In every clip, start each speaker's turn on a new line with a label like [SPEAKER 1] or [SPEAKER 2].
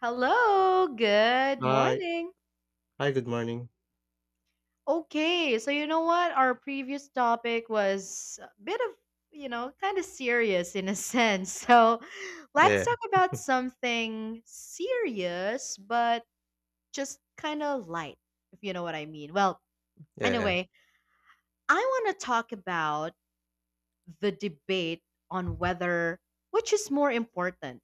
[SPEAKER 1] Hello, good
[SPEAKER 2] Hi.
[SPEAKER 1] morning.
[SPEAKER 2] Hi, good morning.
[SPEAKER 1] Okay, so you know what? Our previous topic was a bit of kind of serious in a sense. So let's
[SPEAKER 2] Yeah,
[SPEAKER 1] talk about something serious, but just kind of light, if you know what I mean. Well,
[SPEAKER 2] yeah, yeah.
[SPEAKER 1] anyway, I want to talk about the debate on whether which is more important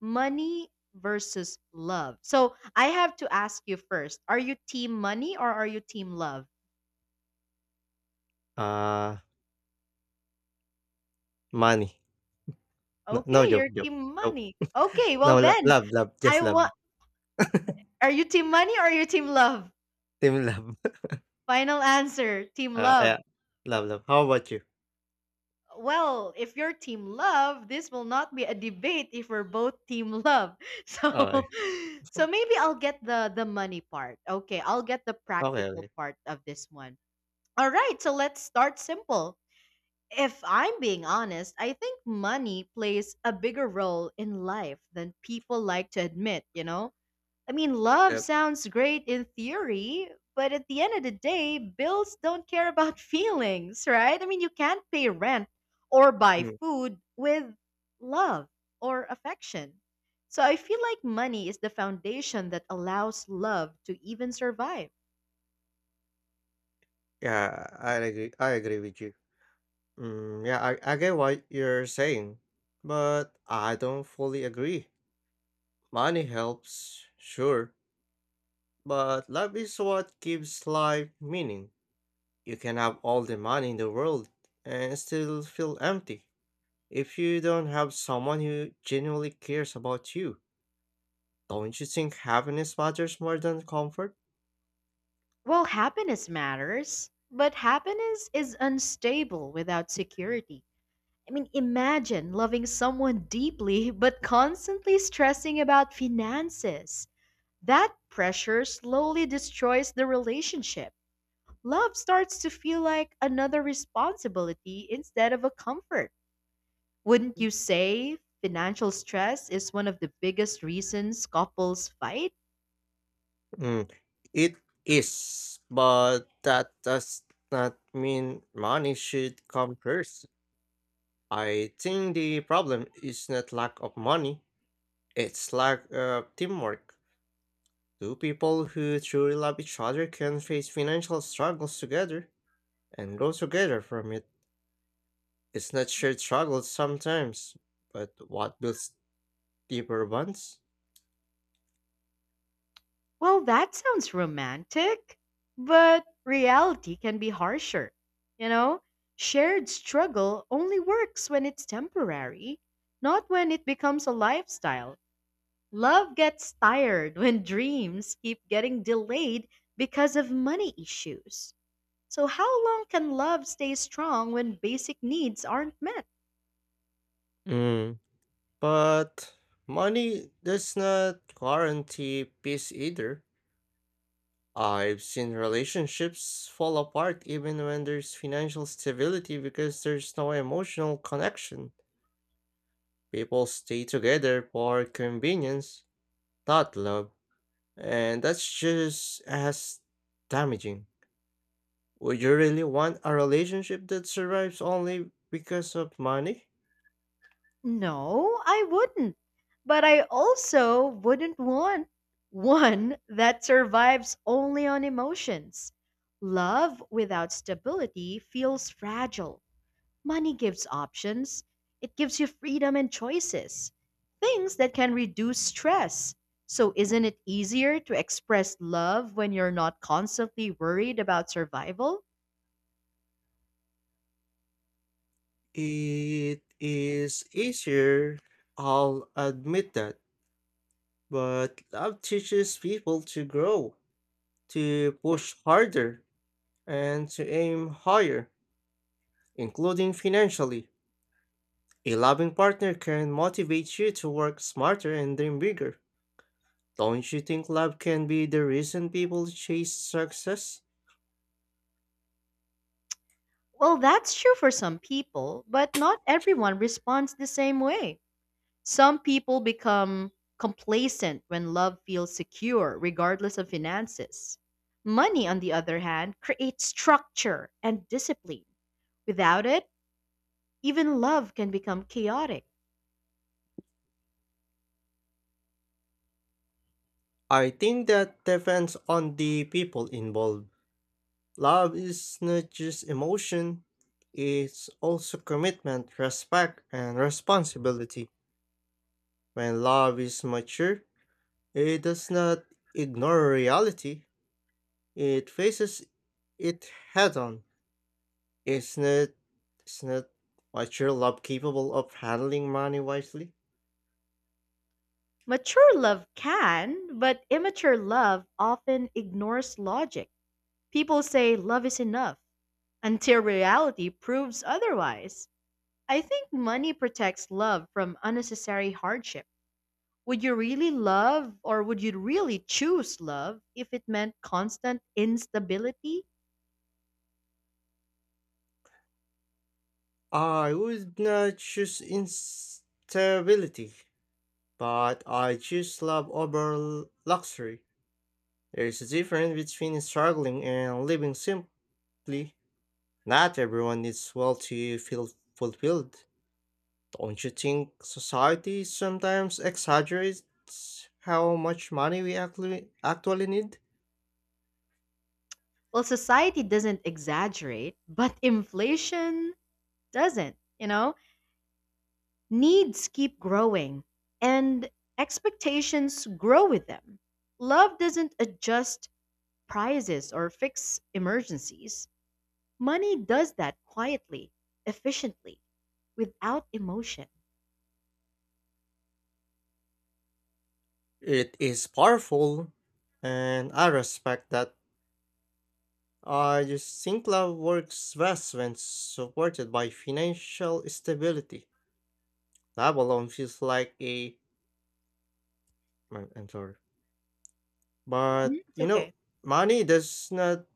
[SPEAKER 1] money versus love. So I have to ask you first, are you team money or are you team love?
[SPEAKER 2] Uh, money. No, no
[SPEAKER 1] Okay,
[SPEAKER 2] joke,
[SPEAKER 1] you're
[SPEAKER 2] joke,
[SPEAKER 1] team
[SPEAKER 2] joke.
[SPEAKER 1] money. Okay, well
[SPEAKER 2] No, lo
[SPEAKER 1] then,
[SPEAKER 2] love, love,
[SPEAKER 1] I
[SPEAKER 2] just love.
[SPEAKER 1] want. Are you team money or are you team love?
[SPEAKER 2] Team love.
[SPEAKER 1] Final answer team
[SPEAKER 2] Ah,
[SPEAKER 1] love.
[SPEAKER 2] yeah. Love, love. How about you?
[SPEAKER 1] Well, if you're team love, this will not be a debate if we're both team love.
[SPEAKER 2] Okey.
[SPEAKER 1] So maybe I'll get the money part. Okay, I'll get the
[SPEAKER 2] Okay,
[SPEAKER 1] practical
[SPEAKER 2] okay.
[SPEAKER 1] part of this one. All right, so let's start simple. If I'm being honest, I think money plays a bigger role in life than people like to admit, you know? I mean, love
[SPEAKER 2] Yep.
[SPEAKER 1] sounds great in theory, but at the end of the day, bills don't care about feelings, right? I mean, you can't pay rent or buy
[SPEAKER 2] Mm,
[SPEAKER 1] food with love or affection. So I feel like money is the foundation that allows love to even survive.
[SPEAKER 2] yeah, I agree with you. Mm, yeah, I get what you're saying, but I don't fully agree. Money helps, sure. But love is what gives life meaning. You can have all the money in the world and still feel empty. If you don't have someone who genuinely cares about you, don't you think happiness matters more than comfort?
[SPEAKER 1] Well, happiness matters, but happiness is unstable without security. I mean, imagine loving someone deeply but constantly stressing about finances. That pressure slowly destroys the relationship. Love starts to feel like another responsibility instead of a comfort. Wouldn't you say financial stress is one of the biggest reasons couples fight?
[SPEAKER 2] Mm, it is, but that does not mean money should come first. I think the problem is not lack of money, it's lack of teamwork. Two people who truly love each other can face financial struggles together and grow together from it. It's not shared struggles sometimes, but what builds deeper bonds?
[SPEAKER 1] Well, that sounds romantic, but reality can be harsher. You know, shared struggle only works when it's temporary, not when it becomes a lifestyle. Love gets tired when dreams keep getting delayed because of money issues. So, how long can love stay strong when basic needs aren't met?
[SPEAKER 2] Mm. But money does not guarantee peace either. I've seen relationships fall apart even when there's financial stability because there's no emotional connection. People stay together for convenience, not love. And that's just as damaging. Would you really want a relationship that survives only because of money?
[SPEAKER 1] No, I wouldn't. But I also wouldn't want one that survives only on emotions. Love without stability feels fragile. Money gives options, it gives you freedom and choices, things that can reduce stress. So, isn't it easier to express love when you're not constantly worried about survival?
[SPEAKER 2] It is easier, I'll admit that, but love teaches people to grow, to push harder, and to aim higher, including financially. A loving partner can motivate you to work smarter and dream bigger. Don't you think love can be the reason people chase success?
[SPEAKER 1] Well, that's true for some people, but not everyone responds the same way. Some people become complacent when love feels secure, regardless of finances. Money, on the other hand, creates structure and discipline. Without it, even love can become chaotic.
[SPEAKER 2] I think that depends on the people involved. Love is not just emotion, it's also commitment, respect, and responsibility. When love is mature, it does not ignore reality, it faces it head on. It's not, it's not mature love capable of handling money wisely.
[SPEAKER 1] Mature love can, but immature love often ignores logic. People say love is enough until reality proves otherwise. I think money protects love from unnecessary hardship. Would you really love or would you really choose love if it meant constant instability?
[SPEAKER 2] I would not choose instability but I choose love over luxury. There is a difference between struggling and living simply. Not everyone needs wealth to feel fulfilled. Don't you think society sometimes exaggerates how much money we actually need?
[SPEAKER 1] Well, society doesn't exaggerate, but inflation doesn't, you know? Needs keep growing and expectations grow with them. Love doesn't adjust prices or fix emergencies. Money does that quietly, efficiently, without emotion.
[SPEAKER 2] It is powerful, and I respect that. I just think love works best when supported by financial stability. Love alone feels like a. I'm sorry.
[SPEAKER 1] Hmm?
[SPEAKER 2] But,
[SPEAKER 1] It's
[SPEAKER 2] you
[SPEAKER 1] okay.
[SPEAKER 2] know, money does not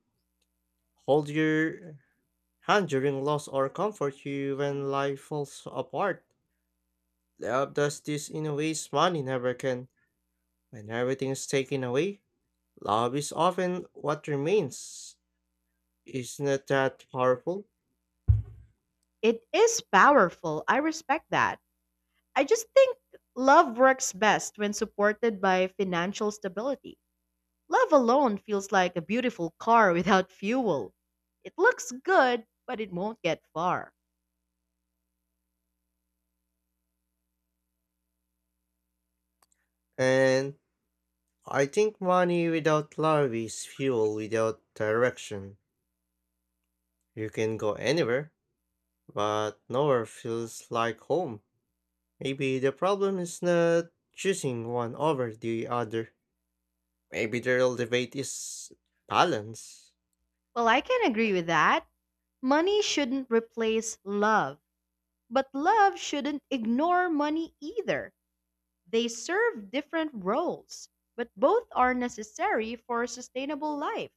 [SPEAKER 2] hold your hand during loss or comfort you when life falls apart. Love does this in ways money never can. When everything is taken away, love is often what remains. It's not that powerful?
[SPEAKER 1] It is powerful. I respect that. I just think love works best when supported by financial stability. Love alone feels like a beautiful car without fuel. It looks good, but it won't get far.
[SPEAKER 2] And I think money without love is fuel without direction. You can go anywhere, but nowhere feels like home. Maybe the problem is not choosing one over the other. Maybe the real debate is balance.
[SPEAKER 1] Well, I can agree with that. Money shouldn't replace love, but love shouldn't ignore money either. They serve different roles, but both are necessary for a sustainable life.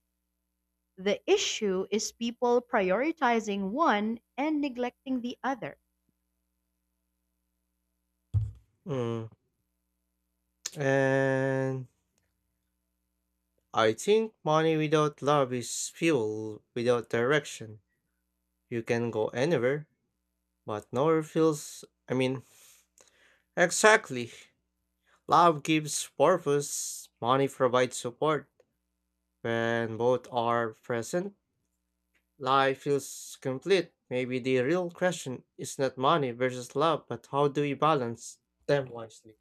[SPEAKER 1] The issue is people prioritizing one and neglecting the other.
[SPEAKER 2] Mm. And I think money without love is fuel without direction. You can go anywhere, but nowhere feels. I mean, exactly. Love gives purpose, money provides support. When both are present, life feels complete. Maybe the real question is not money versus love, but how do we balance them wisely?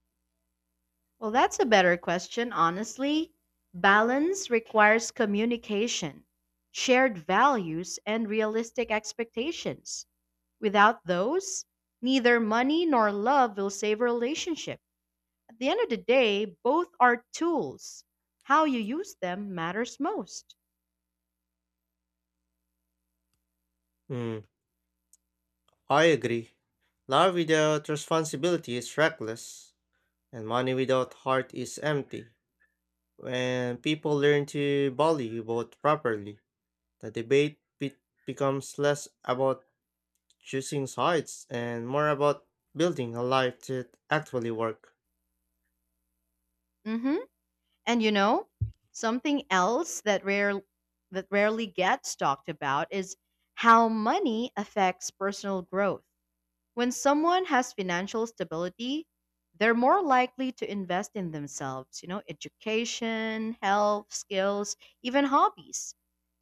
[SPEAKER 1] Well, that's a better question, honestly. Balance requires communication, shared values, and realistic expectations. Without those, neither money nor love will save a relationship. At the end of the day, both are tools. How you use them matters most.
[SPEAKER 2] Mm, I agree. Love without responsibility is reckless, and money without heart is empty. When people learn to value both properly, the debate becomes less about choosing sides and more about building a life that actually works.
[SPEAKER 1] hmm And something else that rarely gets talked about is how money affects personal growth. When someone has financial stability, they're more likely to invest in themselves, education, health, skills, even hobbies.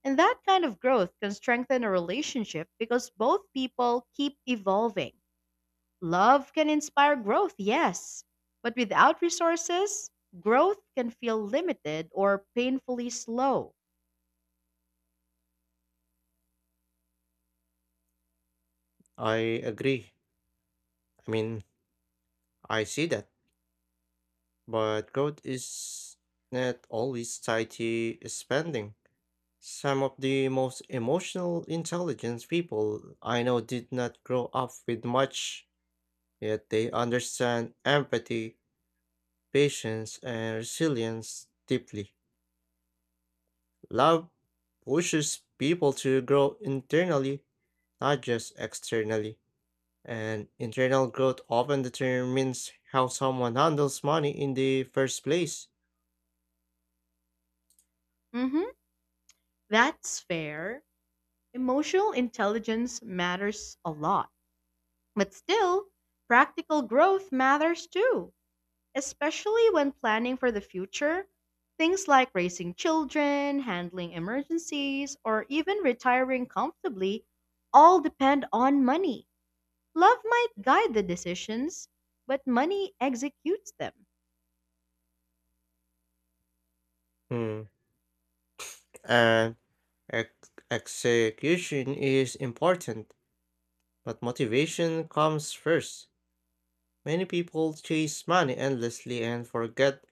[SPEAKER 1] And that kind of growth can strengthen a relationship because both people keep evolving. Love can inspire growth, yes, but without resources, growth can feel limited or painfully slow.
[SPEAKER 2] I agree. I mean, I see that. But growth is not always tied to spending. Some of the most emotional intelligence people I know did not grow up with much, yet they understand empathy, patience, and resilience deeply. Love pushes people to grow internally, not just externally. And internal growth often determines how someone handles money in the first place.
[SPEAKER 1] Mhm, that's fair. Emotional intelligence matters a lot. But still, practical growth matters too, especially when planning for the future. Things like raising children, handling emergencies, or even retiring comfortably all depend on money. Love might guide the decisions, but money executes them.
[SPEAKER 2] Hmm. And execution is important, but motivation comes first. Many people chase money endlessly and forget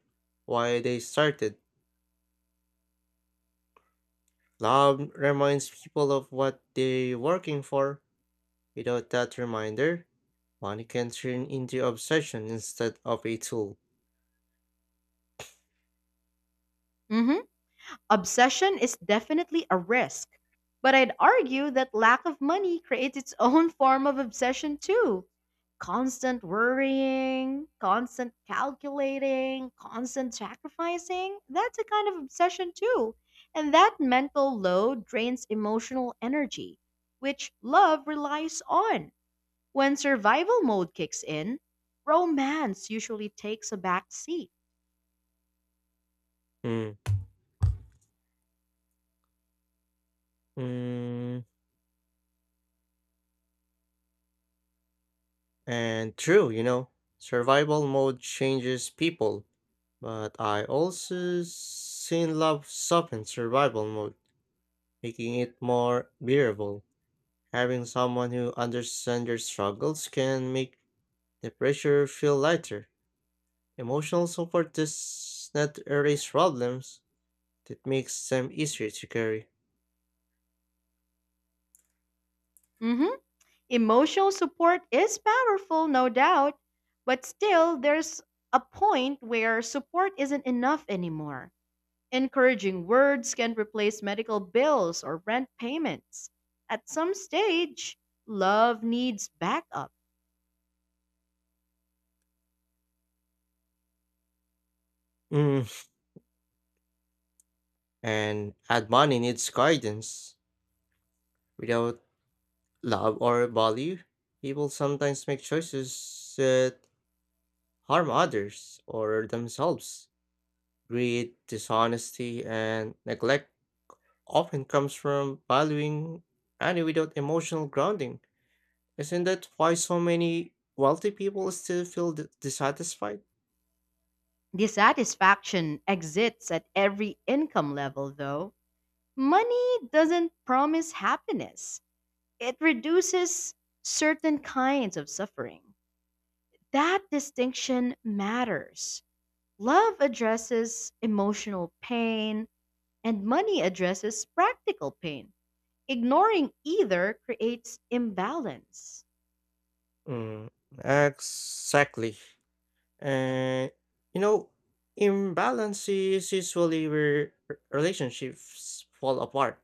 [SPEAKER 2] why they started. Love reminds people of what they're working for. Without that reminder, money can turn into obsession instead of a tool.
[SPEAKER 1] Mhm. Obsession is definitely a risk, but I'd argue that lack of money creates its own form of obsession too. Constant worrying, constant calculating, constant sacrificing, that's a kind of obsession too. And that mental load drains emotional energy, which love relies on. When survival mode kicks in, romance usually takes a back seat.
[SPEAKER 2] Mm. Mm. And true, survival mode changes people, but I also seen love soften survival mode, making it more bearable. Having someone who understands your struggles can make the pressure feel lighter. Emotional support does not erase problems, it makes them easier to carry.
[SPEAKER 1] hmm Emotional support is powerful, no doubt, but still, there's a point where support isn't enough anymore. Encouraging words can replace medical bills or rent payments. At some stage, love needs backup.
[SPEAKER 2] Mm. And add money needs guidance. Without love or value, people sometimes make choices that harm others or themselves. Greed, dishonesty, and neglect often comes from valuing money without emotional grounding. Isn't that why so many wealthy people still feel dissatisfied?
[SPEAKER 1] Dissatisfaction exists at every income level, though. Money doesn't promise happiness, it reduces certain kinds of suffering. That distinction matters. Love addresses emotional pain, and money addresses practical pain. Ignoring either creates imbalance.
[SPEAKER 2] Mm, exactly. And you know, imbalance is usually where relationships fall apart.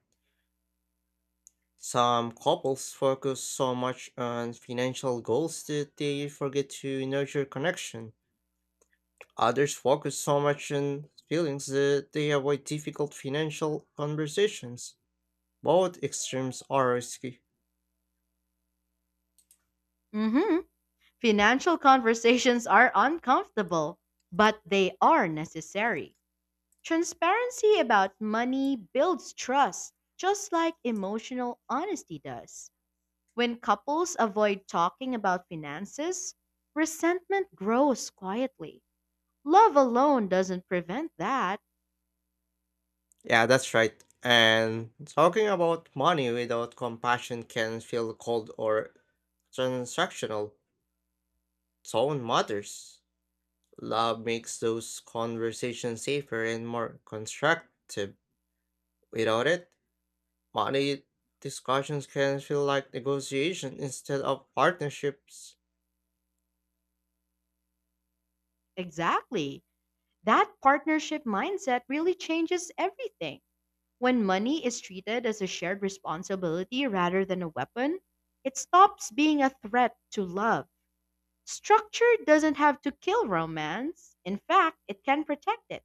[SPEAKER 2] Some couples focus so much on financial goals that they forget to nurture connection. Others focus so much on feelings that they avoid difficult financial conversations. Both extremes are risky.
[SPEAKER 1] Mhm. Financial conversations are uncomfortable, but they are necessary. Transparency about money builds trust, just like emotional honesty does. When couples avoid talking about finances, resentment grows quietly. Love alone doesn't prevent that.
[SPEAKER 2] Yeah, that's right. And talking about money without compassion can feel cold or transactional. Tone matters. Love makes those conversations safer and more constructive. Without it, money discussions can feel like negotiation instead of partnerships.
[SPEAKER 1] Exactly. That partnership mindset really changes everything. When money is treated as a shared responsibility rather than a weapon, it stops being a threat to love. Structure doesn't have to kill romance. In fact, it can protect it.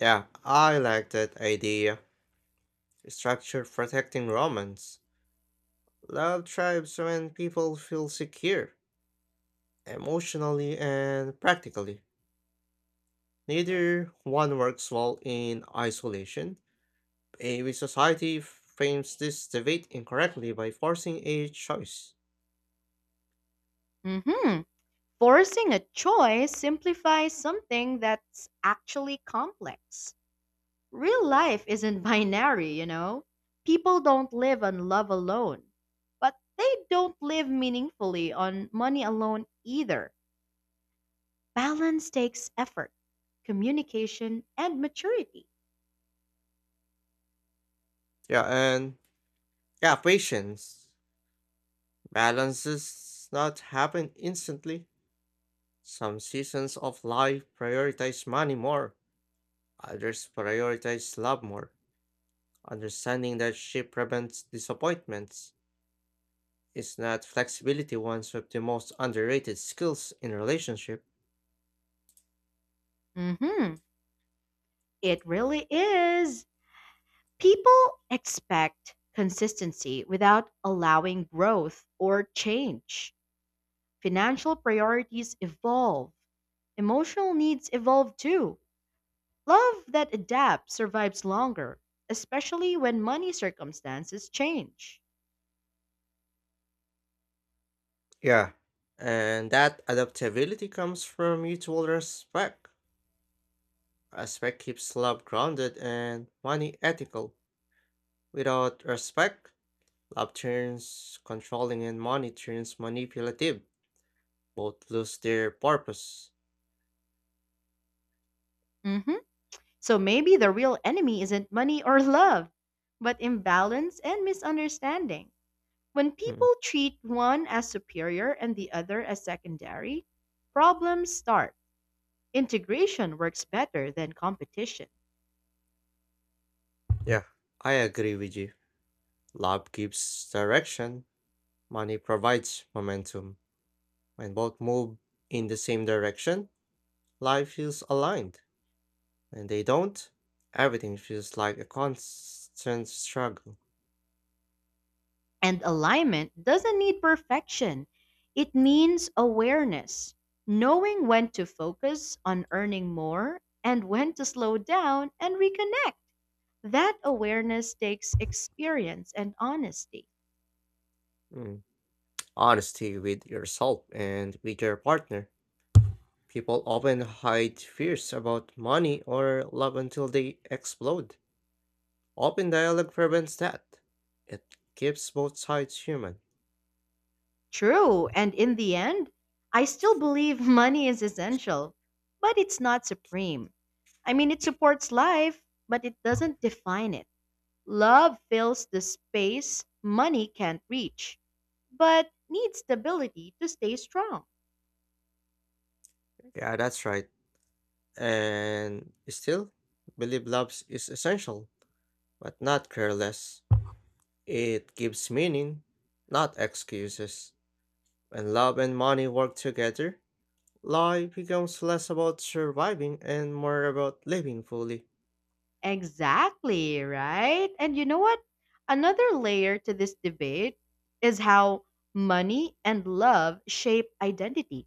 [SPEAKER 2] Yeah, I like that idea. Structure protecting Romans. Love thrives when people feel secure, emotionally and practically. Neither one works well in isolation. Maybe society frames this debate incorrectly by forcing a choice.
[SPEAKER 1] hmm Forcing a choice simplifies something that's actually complex. Real life isn't binary, you know? People don't live on love alone, but they don't live meaningfully on money alone either. Balance takes effort, communication, and maturity.
[SPEAKER 2] Yeah, and yeah, patience. Balance does not happen instantly. Some seasons of life prioritize money more, others prioritize love more. Understanding that she prevents disappointments is not flexibility ones of the most underrated skills in relationship.
[SPEAKER 1] Mhm. It really is. People expect consistency without allowing growth or change. Financial priorities evolve. Emotional needs evolve too. Love that adapts survives longer, especially when money circumstances change.
[SPEAKER 2] Yeah, and that adaptability comes from mutual respect. Respect keeps love grounded and money ethical. Without respect, love turns controlling and money turns manipulative. Both lose their purpose.
[SPEAKER 1] Mhm. So maybe the real enemy isn't money or love, but imbalance and misunderstanding. When
[SPEAKER 2] Mm,
[SPEAKER 1] people treat one as superior and the other as secondary, problems start. Integration works better than competition.
[SPEAKER 2] yeah, I agree with you. Love gives direction, money provides momentum. When both move in the same direction, life feels aligned. When they don't, everything feels like a constant struggle.
[SPEAKER 1] And alignment doesn't need perfection, it means awareness, knowing when to focus on earning more and when to slow down and reconnect. That awareness takes experience and honesty.
[SPEAKER 2] Mm. Honesty with yourself and with your partner. People often hide fears about money or love until they explode. Open dialogue prevents that. It keeps both sides human.
[SPEAKER 1] True, and in the end, I still believe money is essential, but it's not supreme. I mean, it supports life, but it doesn't define it. Love fills the space money can't reach, but needs stability to stay strong.
[SPEAKER 2] Yeah, that's right. And still, believe love is essential, but not careless. It gives meaning, not excuses. When love and money work together, life becomes less about surviving and more about living fully.
[SPEAKER 1] Exactly, right? And you know what? Another layer to this debate is how money and love shape identity.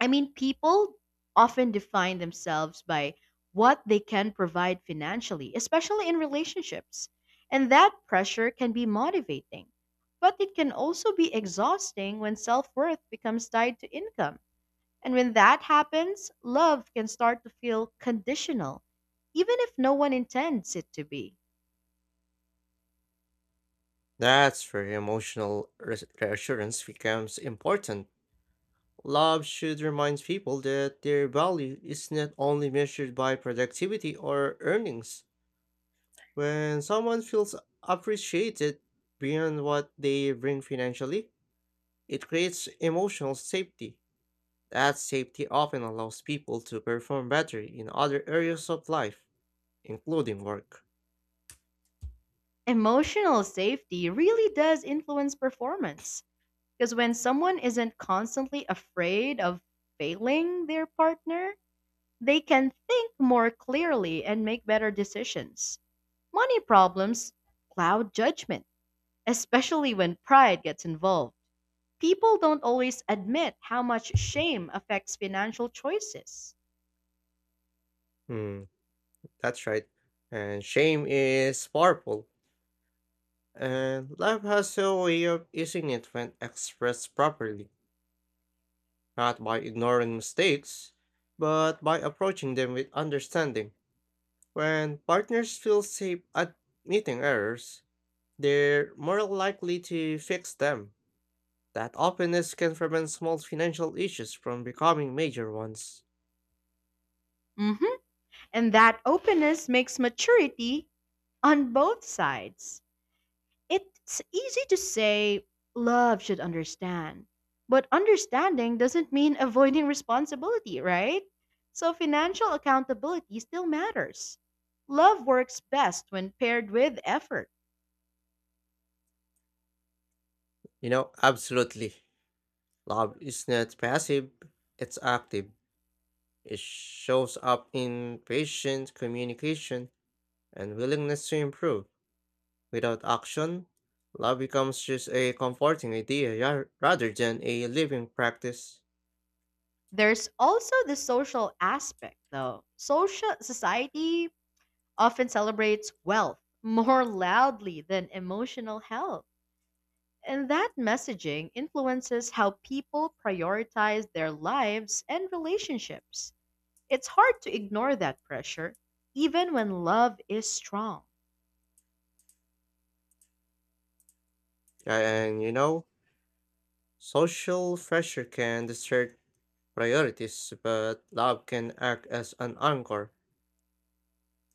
[SPEAKER 1] I mean, people often define themselves by what they can provide financially, especially in relationships. And that pressure can be motivating, but it can also be exhausting when self worth becomes tied to income. And when that happens, love can start to feel conditional, even if no one intends it to be.
[SPEAKER 2] That's where emotional reassurance becomes important. Love should remind people that their value is not only measured by productivity or earnings. When someone feels appreciated beyond what they bring financially, it creates emotional safety. That safety often allows people to perform better in other areas of life, including work.
[SPEAKER 1] Emotional safety really does influence performance, because when someone isn't constantly afraid of failing their partner, they can think more clearly and make better decisions. Money problems cloud judgment, especially when pride gets involved. People don't always admit how much shame affects financial choices.
[SPEAKER 2] Hmm, that's right. And shame is powerful, and life has a way of using it when expressed properly, not by ignoring mistakes, but by approaching them with understanding. When partners feel safe admitting errors, they're more likely to fix them. That openness can prevent small financial issues from becoming major ones.
[SPEAKER 1] Mhm. And that openness makes maturity on both sides. It's easy to say love should understand, but understanding doesn't mean avoiding responsibility, right? So financial accountability still matters. Love works best when paired with effort.
[SPEAKER 2] You know, absolutely. Love is not passive, it's active. It shows up in patient communication and willingness to improve. Without action, love becomes just a comforting idea rather than a living practice.
[SPEAKER 1] There's also the social aspect, though. Social society often celebrates wealth more loudly than emotional health. And that messaging influences how people prioritize their lives and relationships. It's hard to ignore that pressure, even when love is strong.
[SPEAKER 2] Yeah, and social pressure can distort priorities, but love can act as an anchor.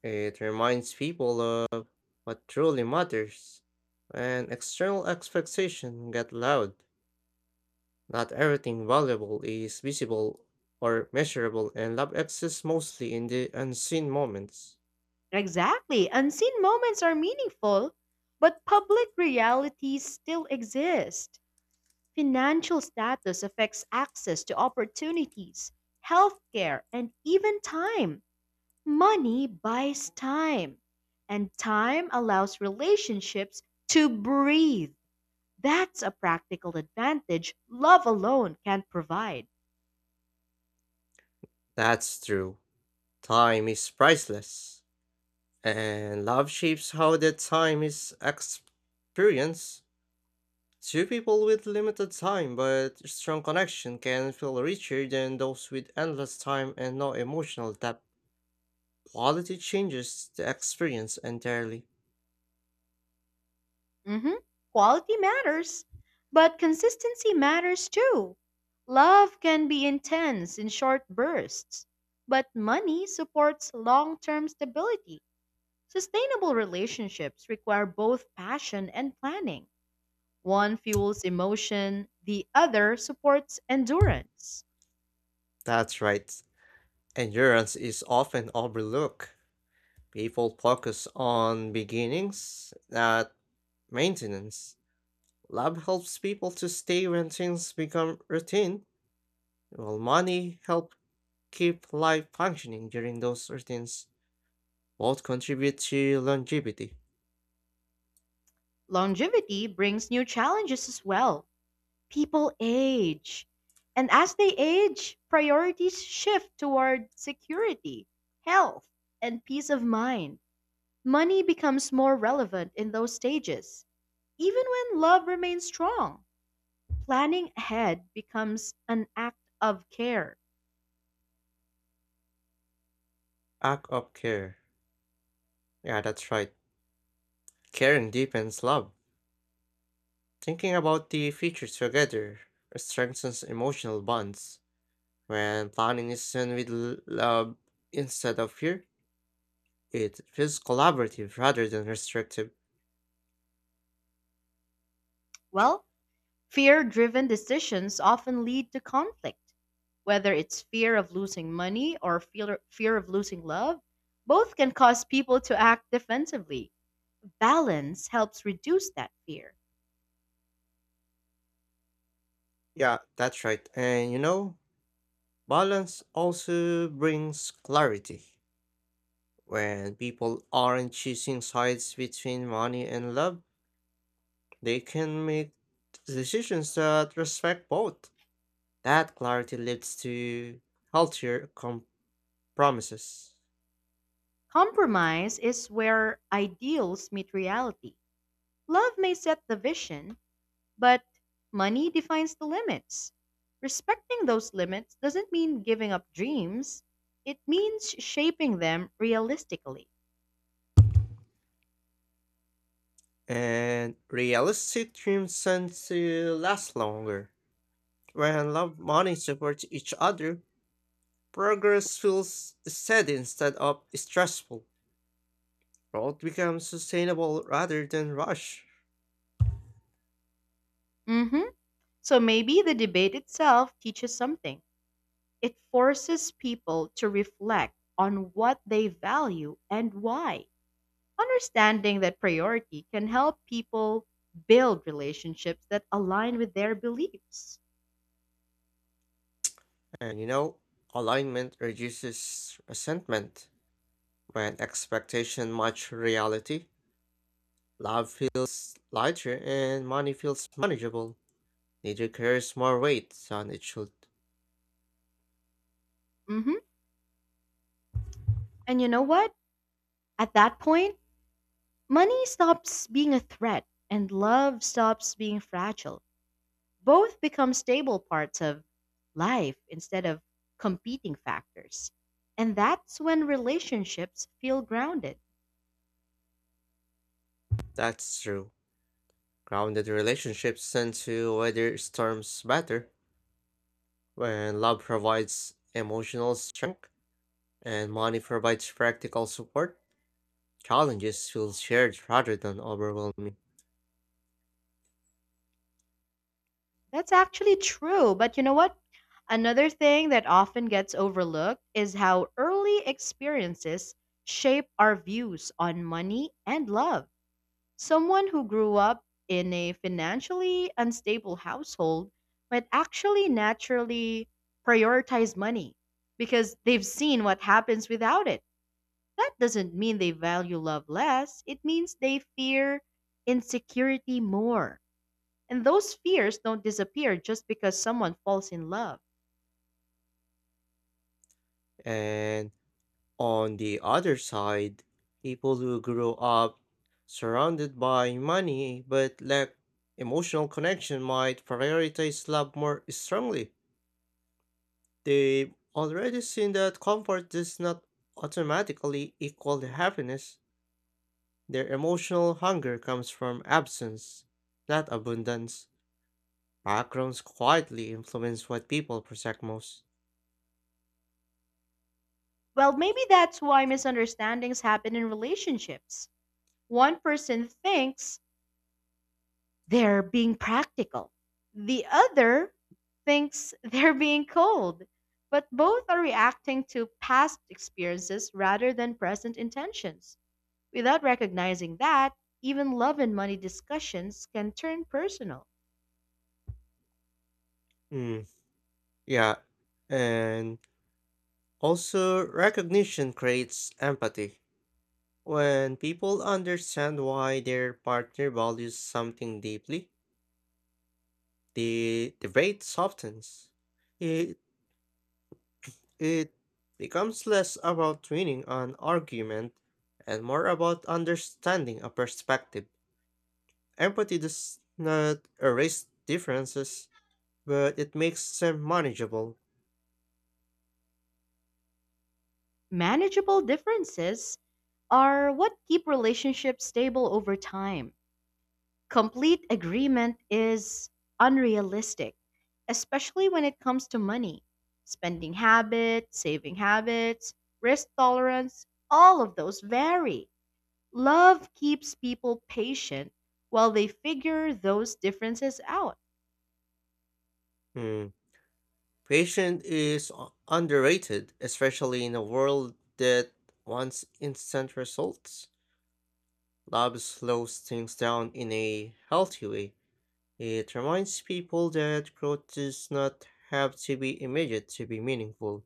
[SPEAKER 2] It reminds people of what truly matters. When external expectations get loud, not everything valuable is visible or measurable, and love exists mostly in the unseen moments.
[SPEAKER 1] Exactly. Unseen moments are meaningful, but public realities still exist. Financial status affects access to opportunities, healthcare, and even time. Money buys time, and time allows relationships to breathe. That's a practical advantage love alone can't provide.
[SPEAKER 2] That's true. Time is priceless, and love shapes how that time is experienced. Two people with limited time but strong connection can feel richer than those with endless time and no emotional depth. Quality changes the experience entirely.
[SPEAKER 1] hmm Quality matters, but consistency matters too. Love can be intense in short bursts, but money supports long term stability. Sustainable relationships require both passion and planning. One fuels emotion, the other supports endurance.
[SPEAKER 2] That's right. Endurance is often overlooked. People focus on beginnings, not maintenance. Love helps people to stay when things become routine, while money helps keep life functioning during those routines. Both contribute to longevity.
[SPEAKER 1] Longevity brings new challenges as well. People age. And as they age, priorities shift toward security, health, and peace of mind. Money becomes more relevant in those stages. Even when love remains strong, planning ahead becomes an act of care.
[SPEAKER 2] Act of care. Yeah, that's right. Caring deepens love. Thinking about the future together strengthens emotional bonds. When planning is done with love instead of fear, it feels collaborative rather than restrictive.
[SPEAKER 1] Well, fear driven decisions often lead to conflict. Whether it's fear of losing money or fear of losing love, both can cause people to act defensively. Balance helps reduce that fear.
[SPEAKER 2] Yeah, that's right. And balance also brings clarity. When people aren't choosing sides between money and love, they can make decisions that respect both. That clarity leads to healthier compromises.
[SPEAKER 1] Compromise is where ideals meet reality. Love may set the vision, but money defines the limits. Respecting those limits doesn't mean giving up dreams, it means shaping them realistically.
[SPEAKER 2] And realistic dreams tend to last longer. When love money supports each other, progress feels steady instead of stressful. Growth becomes sustainable rather than rush.
[SPEAKER 1] hmm So maybe the debate itself teaches something. It forces people to reflect on what they value and why. Understanding that priority can help people build relationships that align with their beliefs.
[SPEAKER 2] And alignment reduces resentment. When expectation match reality, love feels lighter and money feels manageable. Neither carries more weight than it should.
[SPEAKER 1] hmm And you know what? At that point, money stops being a threat and love stops being fragile. Both become stable parts of life instead of competing factors. And that's when relationships feel grounded.
[SPEAKER 2] That's true. Grounded relationships tend to weather storms better. When love provides emotional strength, and money provides practical support. Challenges feel shared rather than overwhelming.
[SPEAKER 1] That's actually true. But you know what? Another thing that often gets overlooked is how early experiences shape our views on money and love. Someone who grew up in a financially unstable household might actually naturally prioritize money because they've seen what happens without it. That doesn't mean they value love less, it means they fear insecurity more. And those fears don't disappear just because someone falls in love.
[SPEAKER 2] And on the other side, people who grow up surrounded by money but lack emotional connection might prioritize love more strongly. They've already seen that comfort does not automatically equal happiness. Their emotional hunger comes from absence, not abundance. Backgrounds quietly influence what people protect most.
[SPEAKER 1] Well, maybe that's why misunderstandings happen in relationships. One person thinks they're being practical, the other thinks they're being cold, but both are reacting to past experiences rather than present intentions. Without recognizing that, even love and money discussions can turn personal.
[SPEAKER 2] Mm, yeah, and also recognition creates empathy. When people understand why their partner values something deeply, the debate softens. It it becomes less about winning an argument and more about understanding a perspective. Empathy does not erase differences, but it makes them manageable.
[SPEAKER 1] Manageable differences are what keep relationships stable over time. Complete agreement is unrealistic, especially when it comes to money, spending habits, saving habits, risk tolerance, all of those vary. Love keeps people patient while they figure those differences out.
[SPEAKER 2] Hmm. Patience is underrated, especially in a world that wants instant results. Love slows things down in a healthy way. It reminds people that growth does not have to be immediate to be meaningful.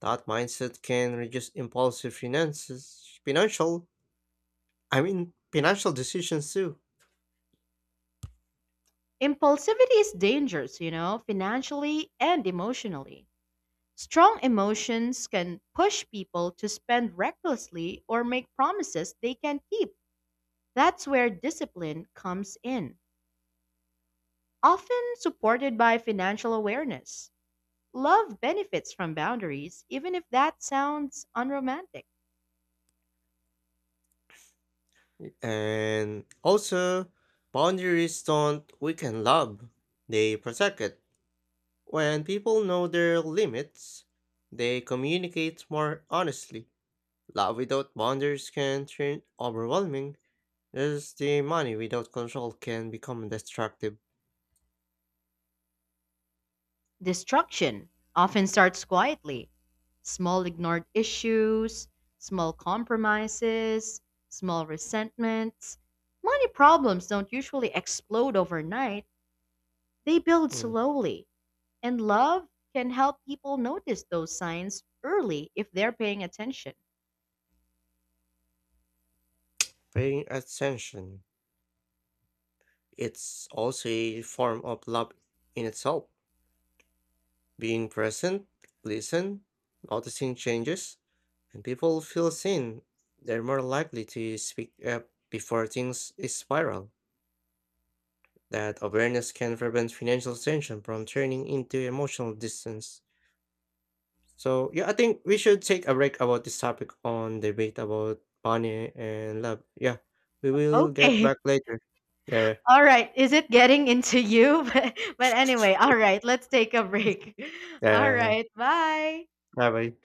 [SPEAKER 2] That mindset can reduce impulsive I mean, financial decisions too.
[SPEAKER 1] Impulsivity is dangerous, financially and emotionally. Strong emotions can push people to spend recklessly or make promises they can't keep. That's where discipline comes in, often supported by financial awareness. Love benefits from boundaries, even if that sounds unromantic.
[SPEAKER 2] And also, boundaries don't weaken love, they protect it. When people know their limits, they communicate more honestly. Love without boundaries can turn overwhelming, as the money without control can become destructive.
[SPEAKER 1] Destruction often starts quietly. Small ignored issues, small compromises, small resentments. Money problems don't usually explode overnight, they build
[SPEAKER 2] Mm.
[SPEAKER 1] slowly. And love can help people notice those signs early if they're paying attention.
[SPEAKER 2] Paying attention. It's also a form of love in itself. Being present, listen, noticing changes, and people feel seen. They're more likely to speak up before things spiral. That awareness can prevent financial tension from turning into emotional distance. So yeah, I think we should take a break about this topic on debate about money and love. Yeah, we will get
[SPEAKER 1] Okay.
[SPEAKER 2] back later. Yeah,
[SPEAKER 1] All right. Is it getting into you? But anyway, all right. Let's take a break. All
[SPEAKER 2] yeah.
[SPEAKER 1] right. Bye.
[SPEAKER 2] Bye bye.